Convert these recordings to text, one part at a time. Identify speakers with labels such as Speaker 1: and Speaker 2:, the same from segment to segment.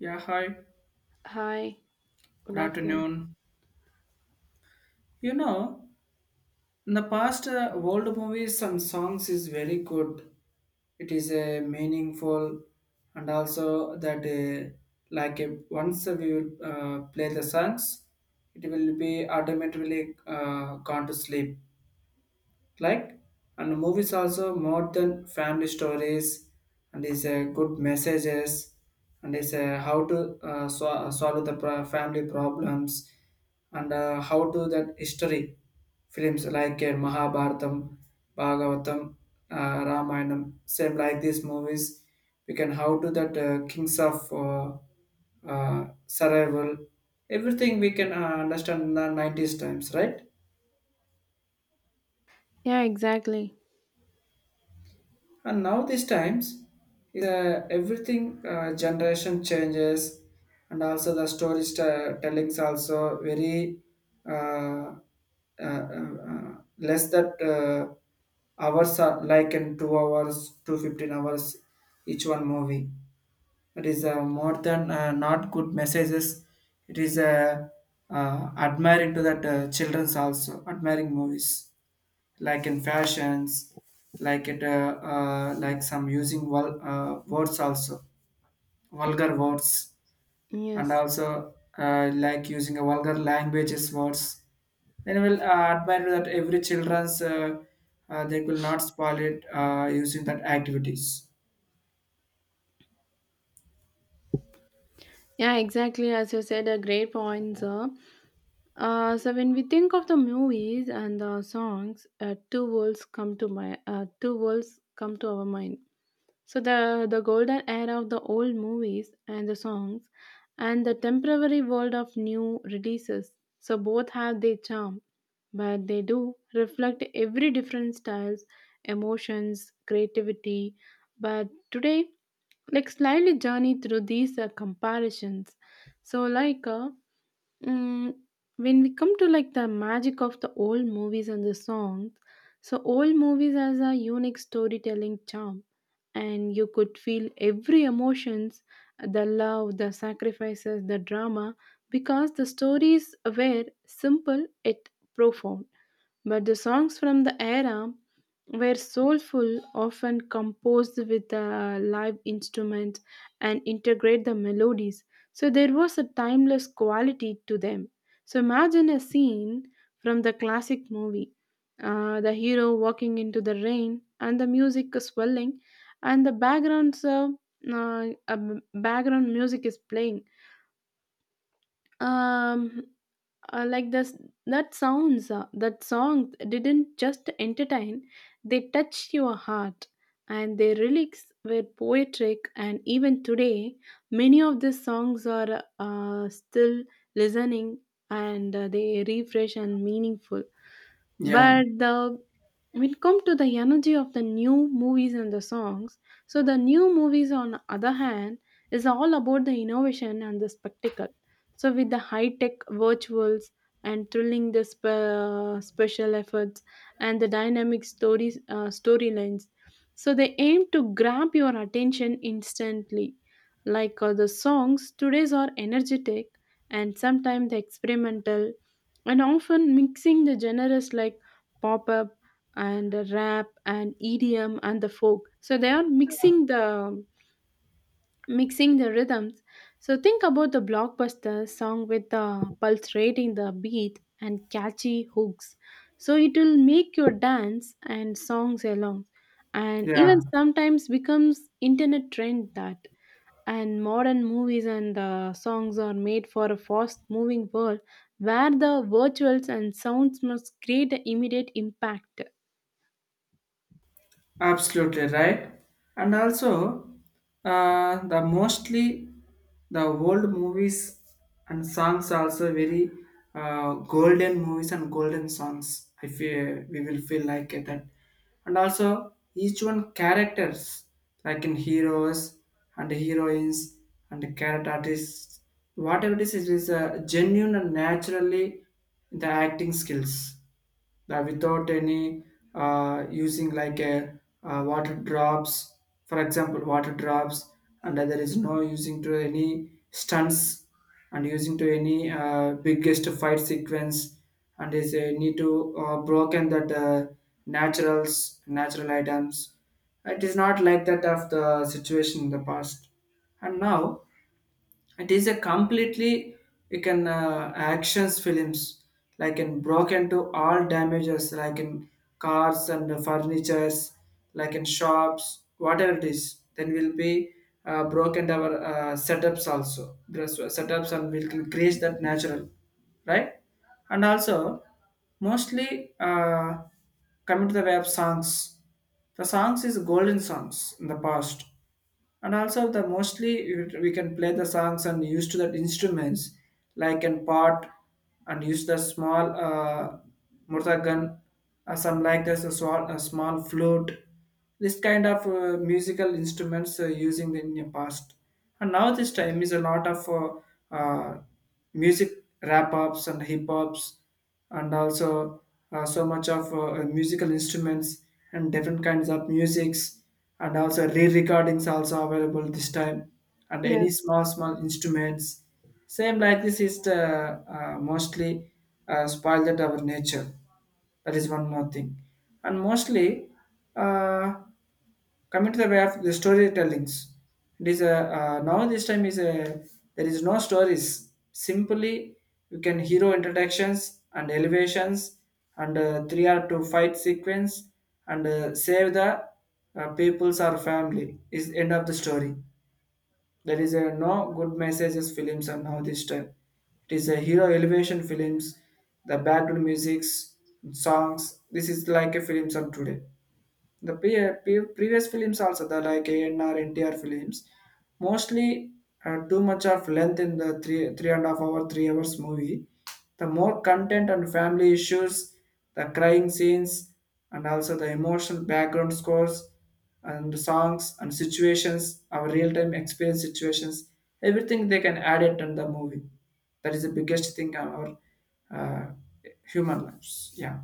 Speaker 1: Yeah, hi.
Speaker 2: Hi, good
Speaker 1: Good
Speaker 2: afternoon.
Speaker 1: afternoon. You know, in the past, old movies and songs is very good. It is a meaningful, and also that like once we will play the songs, it will be automatically gone to sleep. Like and movies also more than family stories and is a good messages and is a how to solve the family problems and how to that history films like Mahabharatam, Bhagavatam, Ramayanam, same like these movies. We can how to that kings of survival, everything we can understand in the 90s times, right?
Speaker 2: Yeah, exactly.
Speaker 1: And now these times, uh, everything generation changes, and also the story tellings also very uh, uh, uh, less that hours are like in 2 hours to 15 hours each one movie. It is more than not good messages. It is admiring to that childrens also admiring movies like in fashions, like it, like some using words also, vulgar words, and
Speaker 2: Yes.
Speaker 1: also like using a vulgar languages words. Then we'll admire that every children's they will not spoil it using that activities.
Speaker 2: Yeah, exactly. As you said, a great point, sir. So when we think of the movies and the songs, two worlds come to our mind. So the golden era of the old movies and the songs, and the temporary world of new releases. So both have their charm, but they do reflect every different styles, emotions, creativity. But today, like slightly journey through these comparisons. So like. Uh, Mm, when we come to like the magic of the old movies and the songs, so old movies has a unique storytelling charm, and you could feel every emotions, the love, the sacrifices, the drama, because the stories were simple yet profound. But the songs from the era were soulful, often composed with a live instrument and integrate the melodies. So there was a timeless quality to them. So imagine a scene from the classic movie. The hero walking into the rain and the music is swelling and the background uh, a m- background music is playing, um like this. That sounds, that song didn't just entertain, they touched your heart, and their lyrics were poetic, and even today many of these songs are still listening and they refresh and meaningful.
Speaker 1: Yeah,
Speaker 2: But the When it come to the energy of the new movies and the songs, so the new movies on the other hand is all about the innovation and the spectacle, so with the high tech virtuals and thrilling the special efforts and the dynamic stories storylines, so they aim to grab your attention instantly. Like the songs today's are energetic and sometimes the experimental and often mixing the genres like pop up and the rap and EDM and the folk. So they are mixing the rhythms. So think about the blockbuster song with the pulsating the beat and catchy hooks. So it will make your dance and songs along, and even
Speaker 1: yeah.
Speaker 2: sometimes becomes internet trend that. And modern movies and songs are made for a fast-moving world where the virtuals and sounds must create an immediate impact.
Speaker 1: Absolutely right. And also, the mostly the old movies and songs also very golden movies and golden songs. I feel we will feel like it that. And also, each one characters like in heroes and heroines and character artists, whatever it is genuine and naturally the acting skills without any using like a water drops, for example water drops, and there is no using to any stunts and using to any biggest fight sequence and is a need to broken that naturals natural items. It is not like that of the situation in the past, and now it is a completely you can actions films like in broke into all damages like in cars and furnitures like in shops, whatever it is then will be broken our setups also. There's setups and we can create that natural, right? And also mostly coming to the web songs, the songs is golden songs in the past, and also the mostly we can play the songs and use to the instruments like an pot and use the small murtagan, some like this a small flute, this kind of musical instruments using in the past. And now this time is a lot of uh, music rap ups and hip hops, and also so much of musical instruments and different kinds of musics, and also re-recordings also available this time and
Speaker 2: Yes.
Speaker 1: any small small instruments, same like this is the mostly spoiled our nature. That is one more thing. And mostly uh, coming to the way of the storytellings, it is a now this time is a there is no stories. Simply, you can hero introductions and elevations and three or two fight sequence and save the peoples or family is end of the story. There is a no good messages films are now this time. It is a hero elevation films, the background musics, songs. This is like a films of today. The previous films also, the like ANR, films, mostly too much of length in the three and a half hour, 3 hours movie. The more content and family issues, the crying scenes, and also the emotional background scores and songs and situations, our real time experience situations, everything they can add it in the movie. That is the biggest thing on our human lives. Yeah.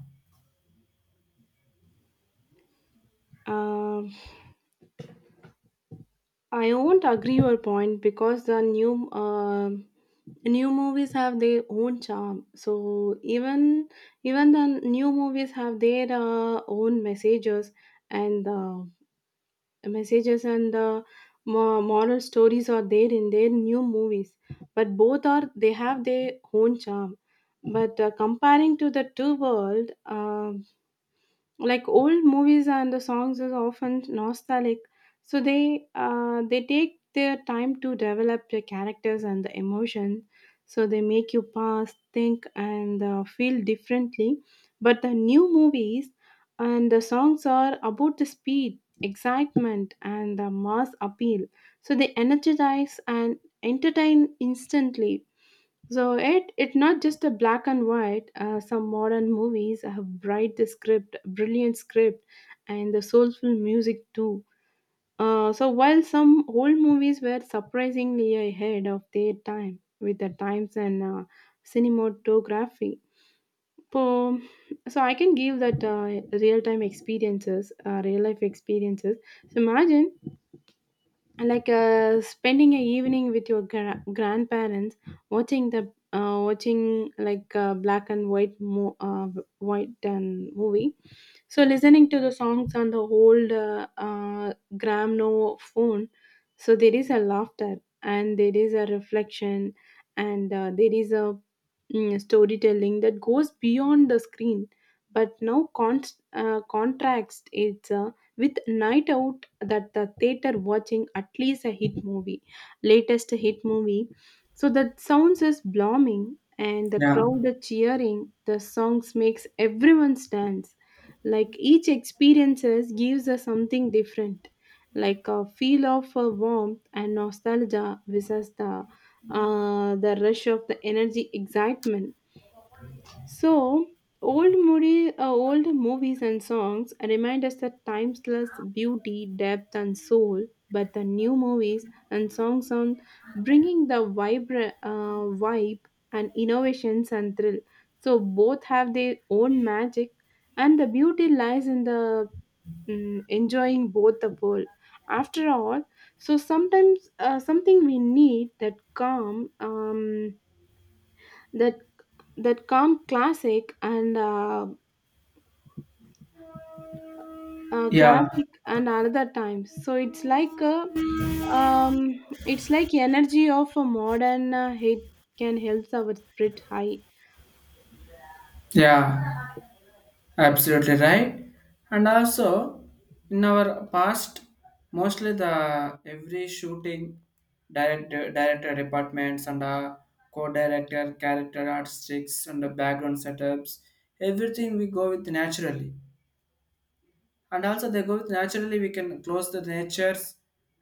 Speaker 2: Um, I won't agree your point because the new movies have their own charm. So even the new movies have their own and uh, messages and moral stories are there in their new movies. But both are they have their own charm. But comparing to the two world, like old movies and the songs is often nostalgic, so they take their time to develop the characters and the emotion, so they make you pause think and feel differently. But the new movies and the songs are about the speed excitement and the mass appeal, so they energize and entertain instantly. So it's not just a black and white. Some modern movies have brilliant script, and the soulful music too. So while some old movies were surprisingly ahead of their time with the times and cinematography, so, so I can give that real life experiences. So imagine like spending a evening with your grandparents watching the watching like black and white mo- white and movie, so listening to the songs on the old gramophone, so there is a laughter and there is a reflection and there is a storytelling that goes beyond the screen. But now contrast is with night out that the theater watching at least a hit movie, latest hit movie. So the sounds is blooming and the
Speaker 1: Yeah,
Speaker 2: crowd are cheering. The songs makes everyone dance like each experiences gives us something different, like a feel of a warmth and nostalgia versus the rush of the energy excitement. so, Old old movies and songs remind us that timeless beauty, depth, and soul. But the new movies and songs on bringing the vibe and innovations and thrill. So both have their own magic, and the beauty lies in the enjoying both the world. After all, so sometimes something we need that calm, that that calm classic and
Speaker 1: yeah,
Speaker 2: classic and another time so it's like um it's like energy of a modern it can help our spirit high.
Speaker 1: yeah. Absolutely right. And also, in our past, mostly the every shooting director, director departments and co-director, character artistics and the background setups, everything we go with naturally, and also they go with naturally we can close the natures,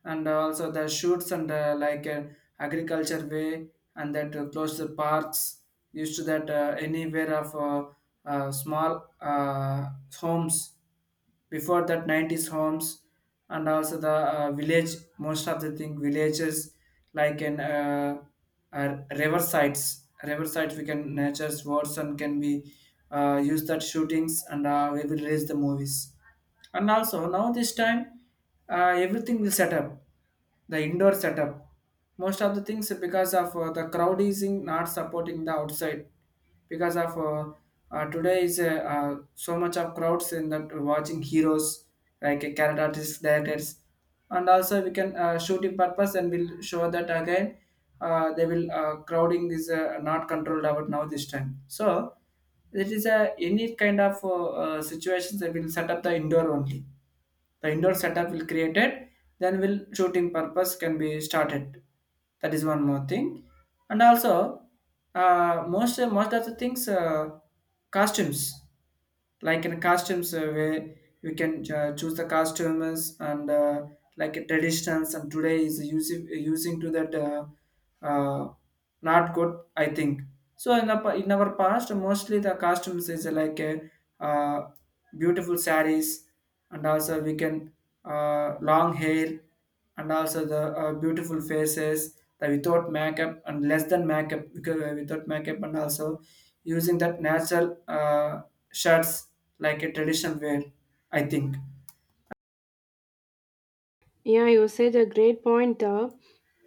Speaker 1: and also the shoots and like agriculture way and that close the parks used to that anywhere of small homes before that 90s homes, and also the village, most of the thing villages like in river sites we can nature's words and can be use that shootings and we will release the movies. And also now this time everything will set up the indoor setup most of the things because of the crowd is in not supporting the outside because of today is so much of crowds in that watching heroes like character artists directors, and also we can shoot in purpose and we'll show that again they will crowding is not controlled about now this time, so it is a any kind of situations that will set up the indoor only, the indoor setup will created, then will shooting purpose can be started. That is one more thing. And also most of the things costumes like in costumes where we can choose the costumes and like traditions, and today is using using to that uh, not good, I think. So in, the, in our past mostly the costumes is like a, uh, beautiful saris, and also we can long hair, and also the beautiful faces that without makeup and less than makeup because without makeup, and also using that natural shirts like a traditional wear. I think.
Speaker 2: Yeah, you said a great point.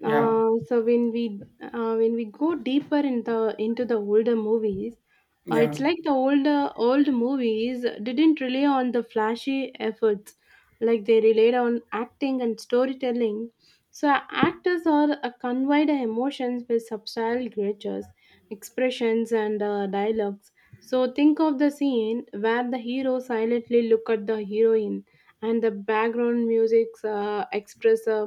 Speaker 1: Yeah.
Speaker 2: So when we go deeper in the into the older movies, it's
Speaker 1: Yeah.
Speaker 2: like the old movies didn't rely on the flashy efforts, like they relied on acting and storytelling. So actors are conveyed emotions with subtle gestures, expressions, and dialogues. So think of the scene where the hero silently look at the heroine and the background music express a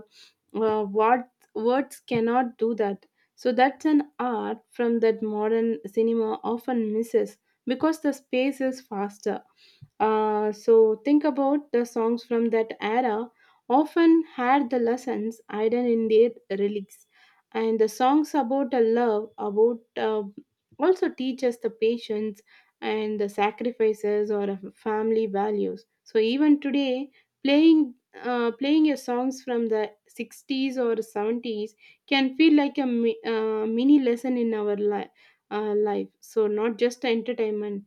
Speaker 2: what words cannot do that, so that's an art from that modern cinema often misses because the space is faster. So think about the songs from that era often had the lessons hidden in their lyrics, and the songs about a love about also teach us the patience and the sacrifices or family values. So even today playing playing a songs from the 60s or 70s can feel like a mini lesson in our life, so not just entertainment.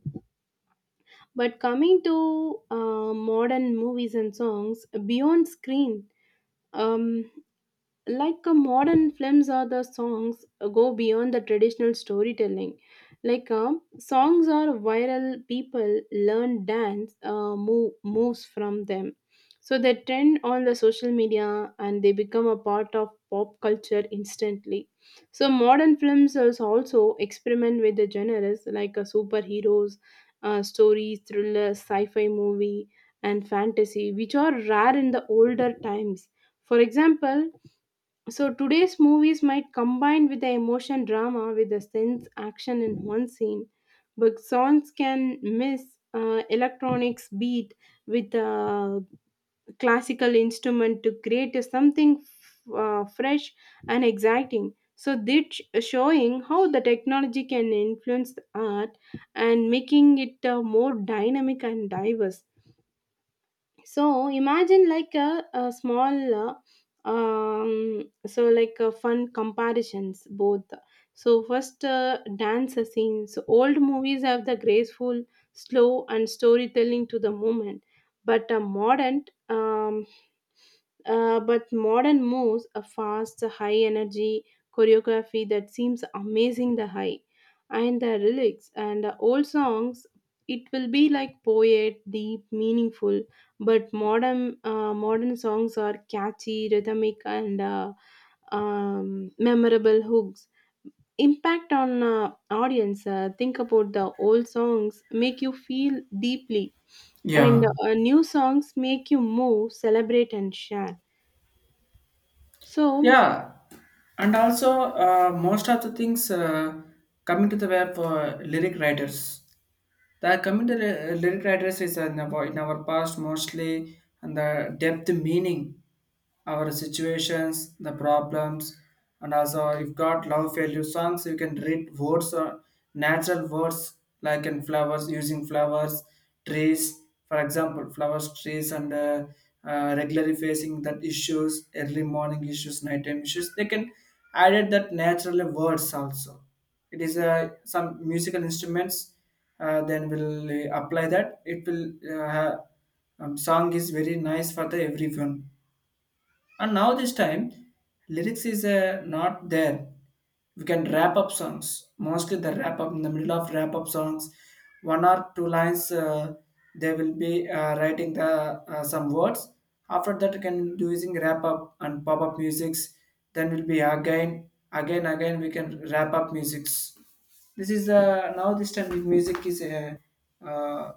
Speaker 2: But coming to modern movies and songs beyond screen, um, like modern films or the songs go beyond the traditional storytelling, like songs are viral, people learn dance moves from them, so they trend on the social media and they become a part of pop culture instantly. So modern films also experiment with the genres like superheroes stories, thrillers, sci-fi movie, and fantasy, which are rare in the older times. For example, so today's movies might combine with the emotion drama with the sense action in one scene, but songs can miss electronics beat with a classical instrument to create a something fresh and exciting. So this showing how the technology can influence the art and making it more dynamic and diverse. So imagine like a small so like a fun comparisons both. So first dance scenes. So, old movies have the graceful slow and storytelling to the moment, but a modern moves a fast, high energy choreography that seems amazing the high. And the lyrics and the old songs, it will be like poet deep meaningful, but modern songs are catchy rhythmic and memorable hooks, impact on audience. Think about the old songs make you feel deeply, and
Speaker 1: Yeah.
Speaker 2: new songs make you move celebrate and share. so,
Speaker 1: Yeah. And also, most of the things coming to the web for lyric writers. The communal lyric writers is in our past mostly and the depth meaning, our situations, the problems, and also if got love failure songs, you can read words or natural words like in flowers using flowers, trees, for example, flowers, trees, and regularly facing that issues, early morning issues, nighttime issues. They can added that naturally words also. It is some musical instruments, then we'll apply that it will song is very nice for the everyone. And now this time, lyrics is not there. We can wrap up songs. Mostly the wrap up in the middle of wrap up songs, one or two lines. They will be writing the some words. After that, you can do using wrap up and pop up musics. Then will be again, again, again. We can wrap up musics. This is now this time music is uh,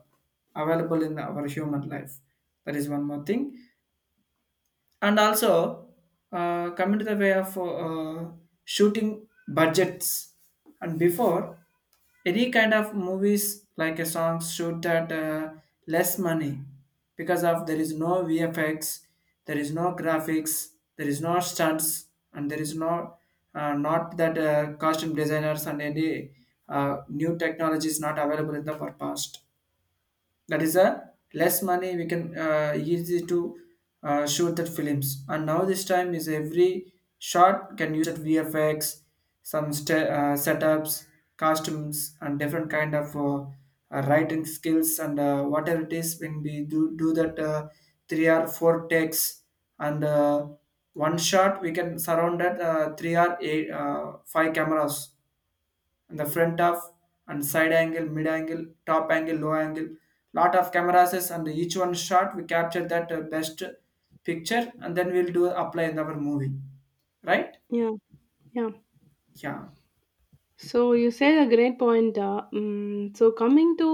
Speaker 1: available in our human life. That is one more thing. And also coming to the way of shooting budgets, and before any kind of movies like a song shoot at less money because of there is no vfx, there is no graphics, there is no stunts, and there is no not that costume designers and any new technology is not available in the for past. That is a less money we can easy to shoot that films. And now this time is every shot can use that vfx, some setups, costumes, and different kind of writing skills and whatever it is when we do that three or four takes, and one shot we can surround that three or eight five cameras and the front of and side angle, mid angle, top angle, low angle. Lot of cameras is and each one shot we capture that best picture and then we'll do apply in our movie, right?
Speaker 2: yeah, yeah.
Speaker 1: Yeah,
Speaker 2: So you said a great point. So coming to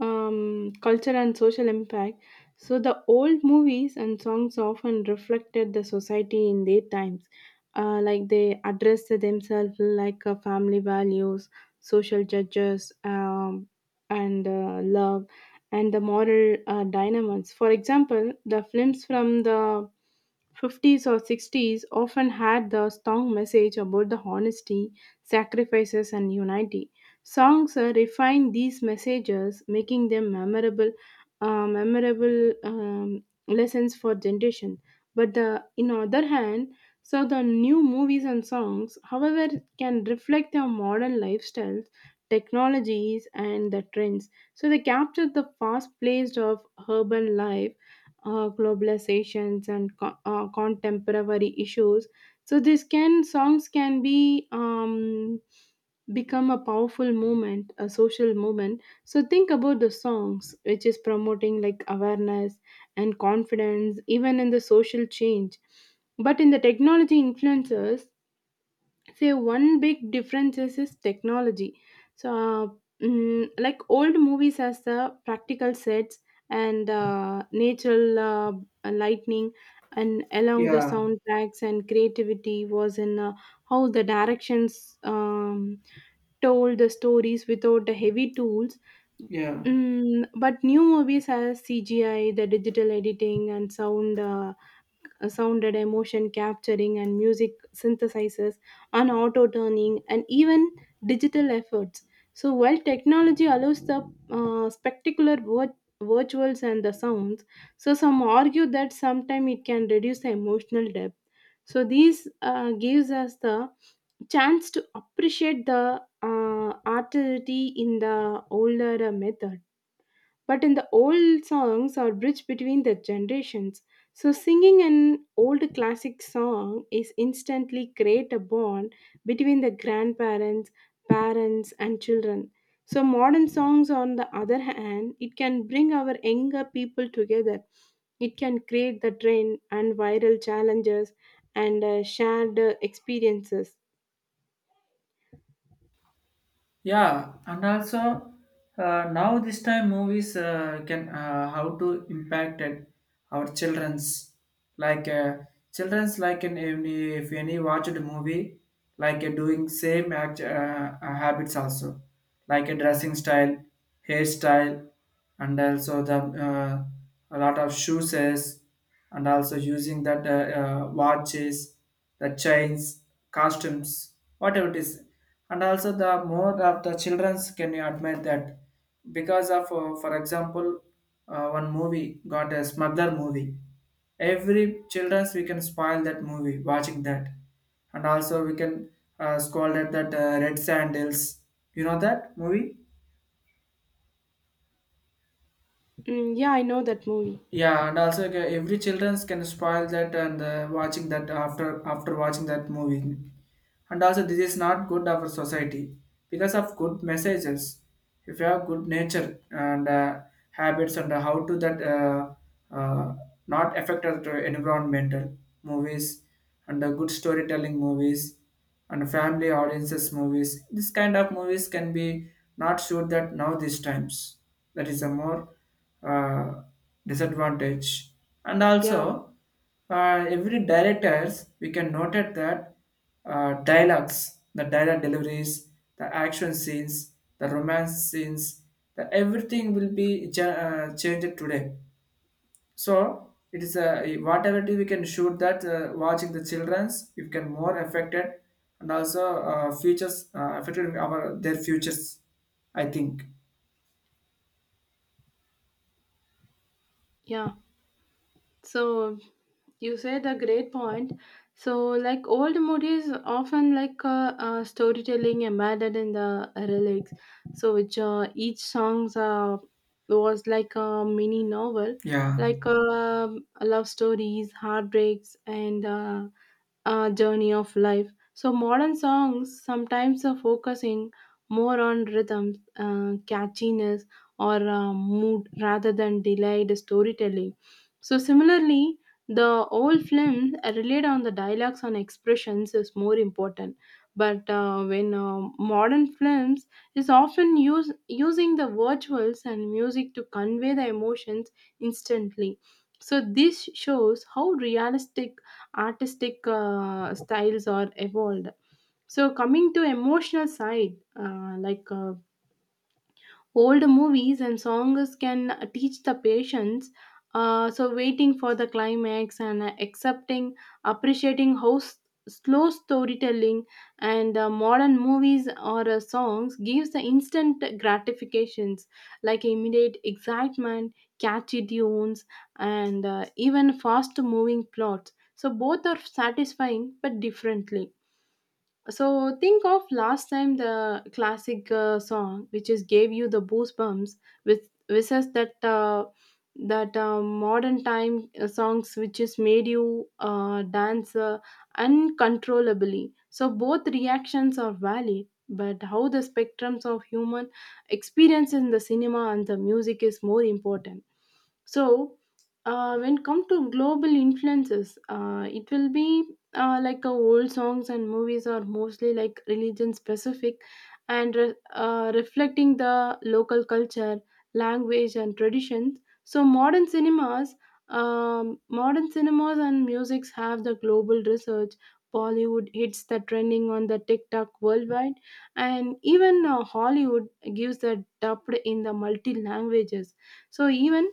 Speaker 2: culture and social impact, so the old movies and songs often reflected the society in their times. Like they addressed themselves like family values, social judges, and love, and the moral dilemmas. For example, the films from the 50s or 60s often had the strong message about the honesty, sacrifices, and unity. Songs refine these messages, making them memorable lessons for generation. But the, in other hand, so the new movies and songs, however, can reflect our modern lifestyles, technologies, and the trends. So they capture the fast-paced of urban life, globalizations and contemporary issues. So this can songs can be become a powerful movement a social movement. So think about the songs which is promoting like awareness and confidence even in the social change. But in the technology influences, say one big difference is technology. So like old movies has the practical sets and natural lightning and along the
Speaker 1: yeah,
Speaker 2: soundtracks and creativity was in how the directions told the stories without the heavy tools.
Speaker 1: yeah.
Speaker 2: But new movies has CGI, the digital editing, and sounded emotion capturing and music synthesizers and auto turning and even digital efforts. So while technology allows the spectacular virtuals and the sounds, so some argue that sometimes it can reduce the emotional depth. So these gives us the chance to appreciate the artistry in the older method. But in the old songs are bridge between the generations. So singing an old classic song is instantly create a bond between the grandparents, parents and children. So modern songs on the other hand, it can bring our younger people together. It can create the trend and viral challenges and shared experiences.
Speaker 1: Yeah, and also now this time movies can how to impacted our like uh, children's like in any if any watched a movie like doing same act, habits also like a dressing style, hairstyle, and also the a lot of shoes, and also using that watches, the chains, costumes, whatever it is. And also the more of the childrens can you admire that because of, for example, one movie got a smuggler movie. Every childrens we can spoil that movie watching that, and also we can scold at that red sandals. You know that movie?
Speaker 2: Mm, yeah, I know that movie.
Speaker 1: Yeah, and also like, every childrens can spoil that and watching that after watching that movie, and also this is not good of our society because of good messages if you have good nature and habits, and how to that uh, not affect our to environmental movies and good storytelling movies and family audiences movies, this kind of movies can be not sure that now these times, that is a more uh, disadvantage. And
Speaker 2: Yeah,
Speaker 1: also every directors we can note it that dialogues, the dialogue deliveries, the action scenes, the romance scenes, the everything will be changed today. So it is a whatever it is, we can shoot that watching the childrens, you can more affected, and also futures affected our their futures. I think.
Speaker 2: yeah. So you said a great point. So like old movies often like storytelling embedded in the lyrics. So which each songs was like a mini novel,
Speaker 1: Yeah.
Speaker 2: like love stories, heartbreaks, and journey of life. So modern songs sometimes are focusing more on rhythms, catchiness, or mood rather than delayed storytelling. So similarly, the old films relied on the dialogues and expressions is more important. But when modern films is often using the virtuals and music to convey the emotions instantly. So this shows how realistic artistic styles are evolved. So coming to emotional side, old movies and songs can teach the patience. So waiting for the climax and accepting, appreciating how slow storytelling and modern movies or songs gives the instant gratifications like immediate excitement, catchy tunes, and even fast moving plots. So both are satisfying but differently. So think of last time the classic song which is gave you the goosebumps with versus that modern time songs which is made you dance uncontrollably. So both reactions are valid, but how the spectrums of human experience in the cinema and the music is more important. So, when come to global influences, it will be old songs and movies are mostly like religion specific and reflecting the local culture language and traditions. So modern cinemas and musics have the global research. Bollywood hits the trending on the TikTok worldwide, and even Hollywood gives the dubbed in the multi languages. So even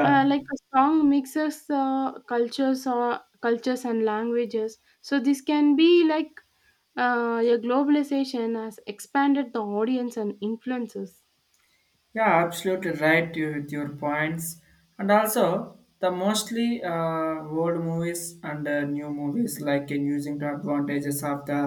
Speaker 2: like a song mixes cultures or cultures and languages, so this can be like a globalization has expanded the audience and influences.
Speaker 1: Yeah, absolutely right with your points. And also, the mostly old movies and new movies like in using the advantages of the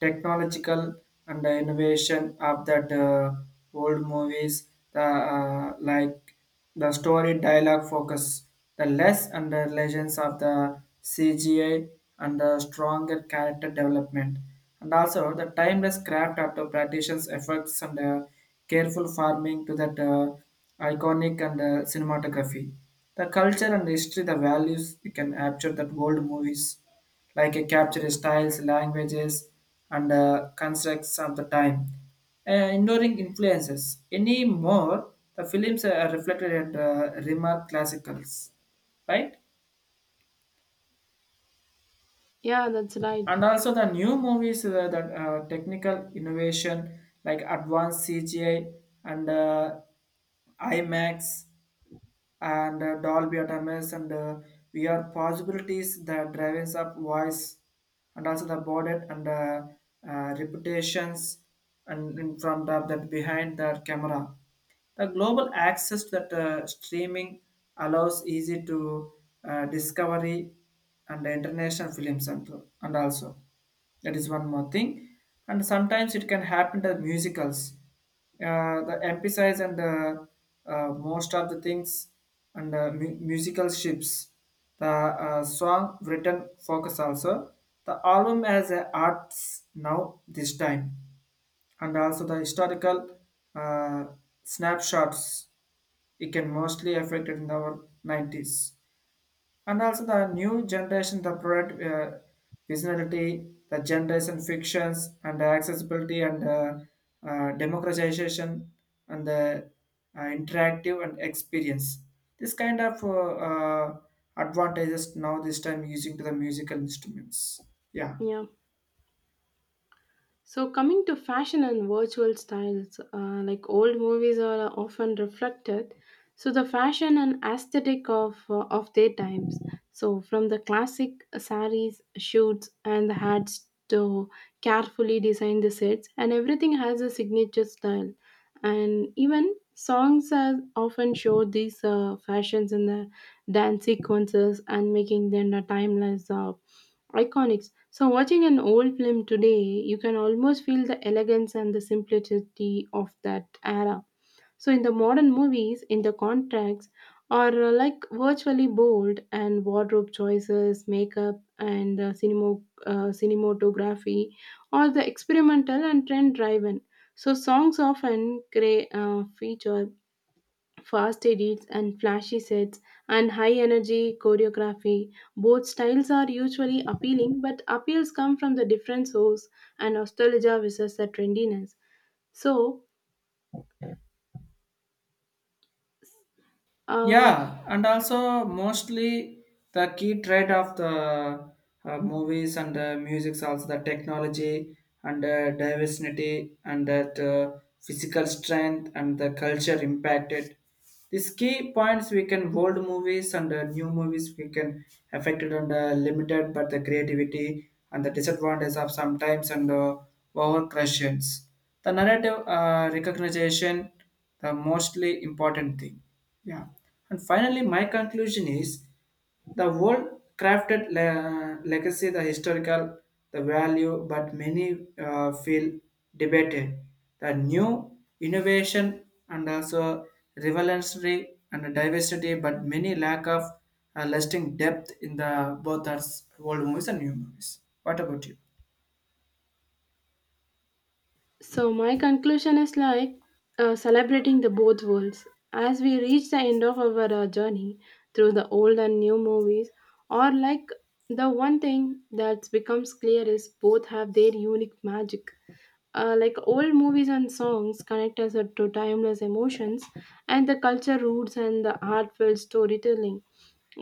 Speaker 1: technological and the innovation of that old movies, the like the story dialogue focus, the less and legends of the CGI and the stronger character development, and also the timeless craft of the practitioner's efforts and the careful farming to that iconic and cinematography. The culture and history, the values we can capture that old movies like a capture styles, languages, and constructs of the time. Ignoring influences. Anymore, the films are reflected at remark classicals, right?
Speaker 2: Yeah, that's right.
Speaker 1: And also the new movies, the technical innovation like advanced CGI and IMAX and Dolby Atmos and VR possibilities that drives up voice, and also the body and reputations, and from the, that behind the camera, the global access that streaming allows easy to discovery and international films, and also that is one more thing. And sometimes it can happen to musicals. The emphasize and the most of the things and musical ships. The song written focus also. The album has a arts now this time, and also the historical uh, snapshots it can mostly affect it in our 90s, and also the new generation the product visionality the generation fictions and the accessibility and democratization and the interactive and experience, this kind of advantages now this time using to the musical instruments. Yeah.
Speaker 2: Yeah. So, coming to fashion and virtual styles, like old movies are often reflected. So, the fashion and aesthetic of their times. So, from the classic saris, shoots, and the hats to carefully design the sets, and everything has a signature style. And even songs are often show these fashions in the dance sequences and making them a timeless iconics. So, watching an old film today, you can almost feel the elegance and the simplicity of that era. So, in the modern movies, in the contracts are like virtually bold, and wardrobe choices, makeup, and cinematography are the experimental and trend driven. So, songs often feature fast edits and flashy sets and high energy choreography. Both styles are usually appealing but appeals come from the different source and nostalgia versus the trendiness. So um
Speaker 1: Yeah, and also mostly the key trait of the movies and music, also the technology and diversity and that physical strength and the culture impacted, these key points we can old movies and new movies we can affected and limited, but the creativity and the disadvantage of sometimes and over questions. The narrative recognition, the mostly important thing. Yeah. And finally, my conclusion is. The world crafted legacy, the historical, the value, but many feel debated. The new innovation and also revolutionary and diversity, but many lack of lasting depth in the both are old movies and new movies. What about you?
Speaker 2: so my conclusion is like celebrating the both worlds. As we reach the end of our journey through the old and new movies, or like the one thing that's becomes clear is both have their unique magic. Like old movies and songs connect us to timeless emotions and the culture roots and the heartfelt storytelling.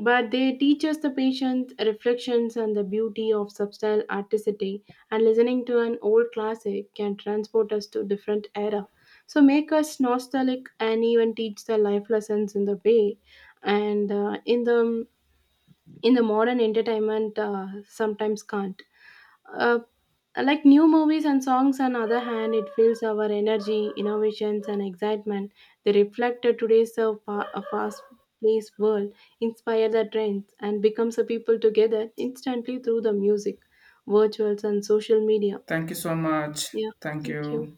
Speaker 2: But they teach us the patience, reflections, and the beauty of subtle artistry. And listening to an old classic can transport us to different era, so make us nostalgic and even teach the life lessons in the way. And in the modern entertainment, sometimes can't uh, like new movies and songs on the other hand it fills our energy innovations and excitement. They reflect a today's a fast paced world, inspire the trends and becomes a people together instantly through the music virtuals and social media.
Speaker 1: Thank you so much.
Speaker 2: Yeah,
Speaker 1: Thank
Speaker 2: thank you.
Speaker 1: you.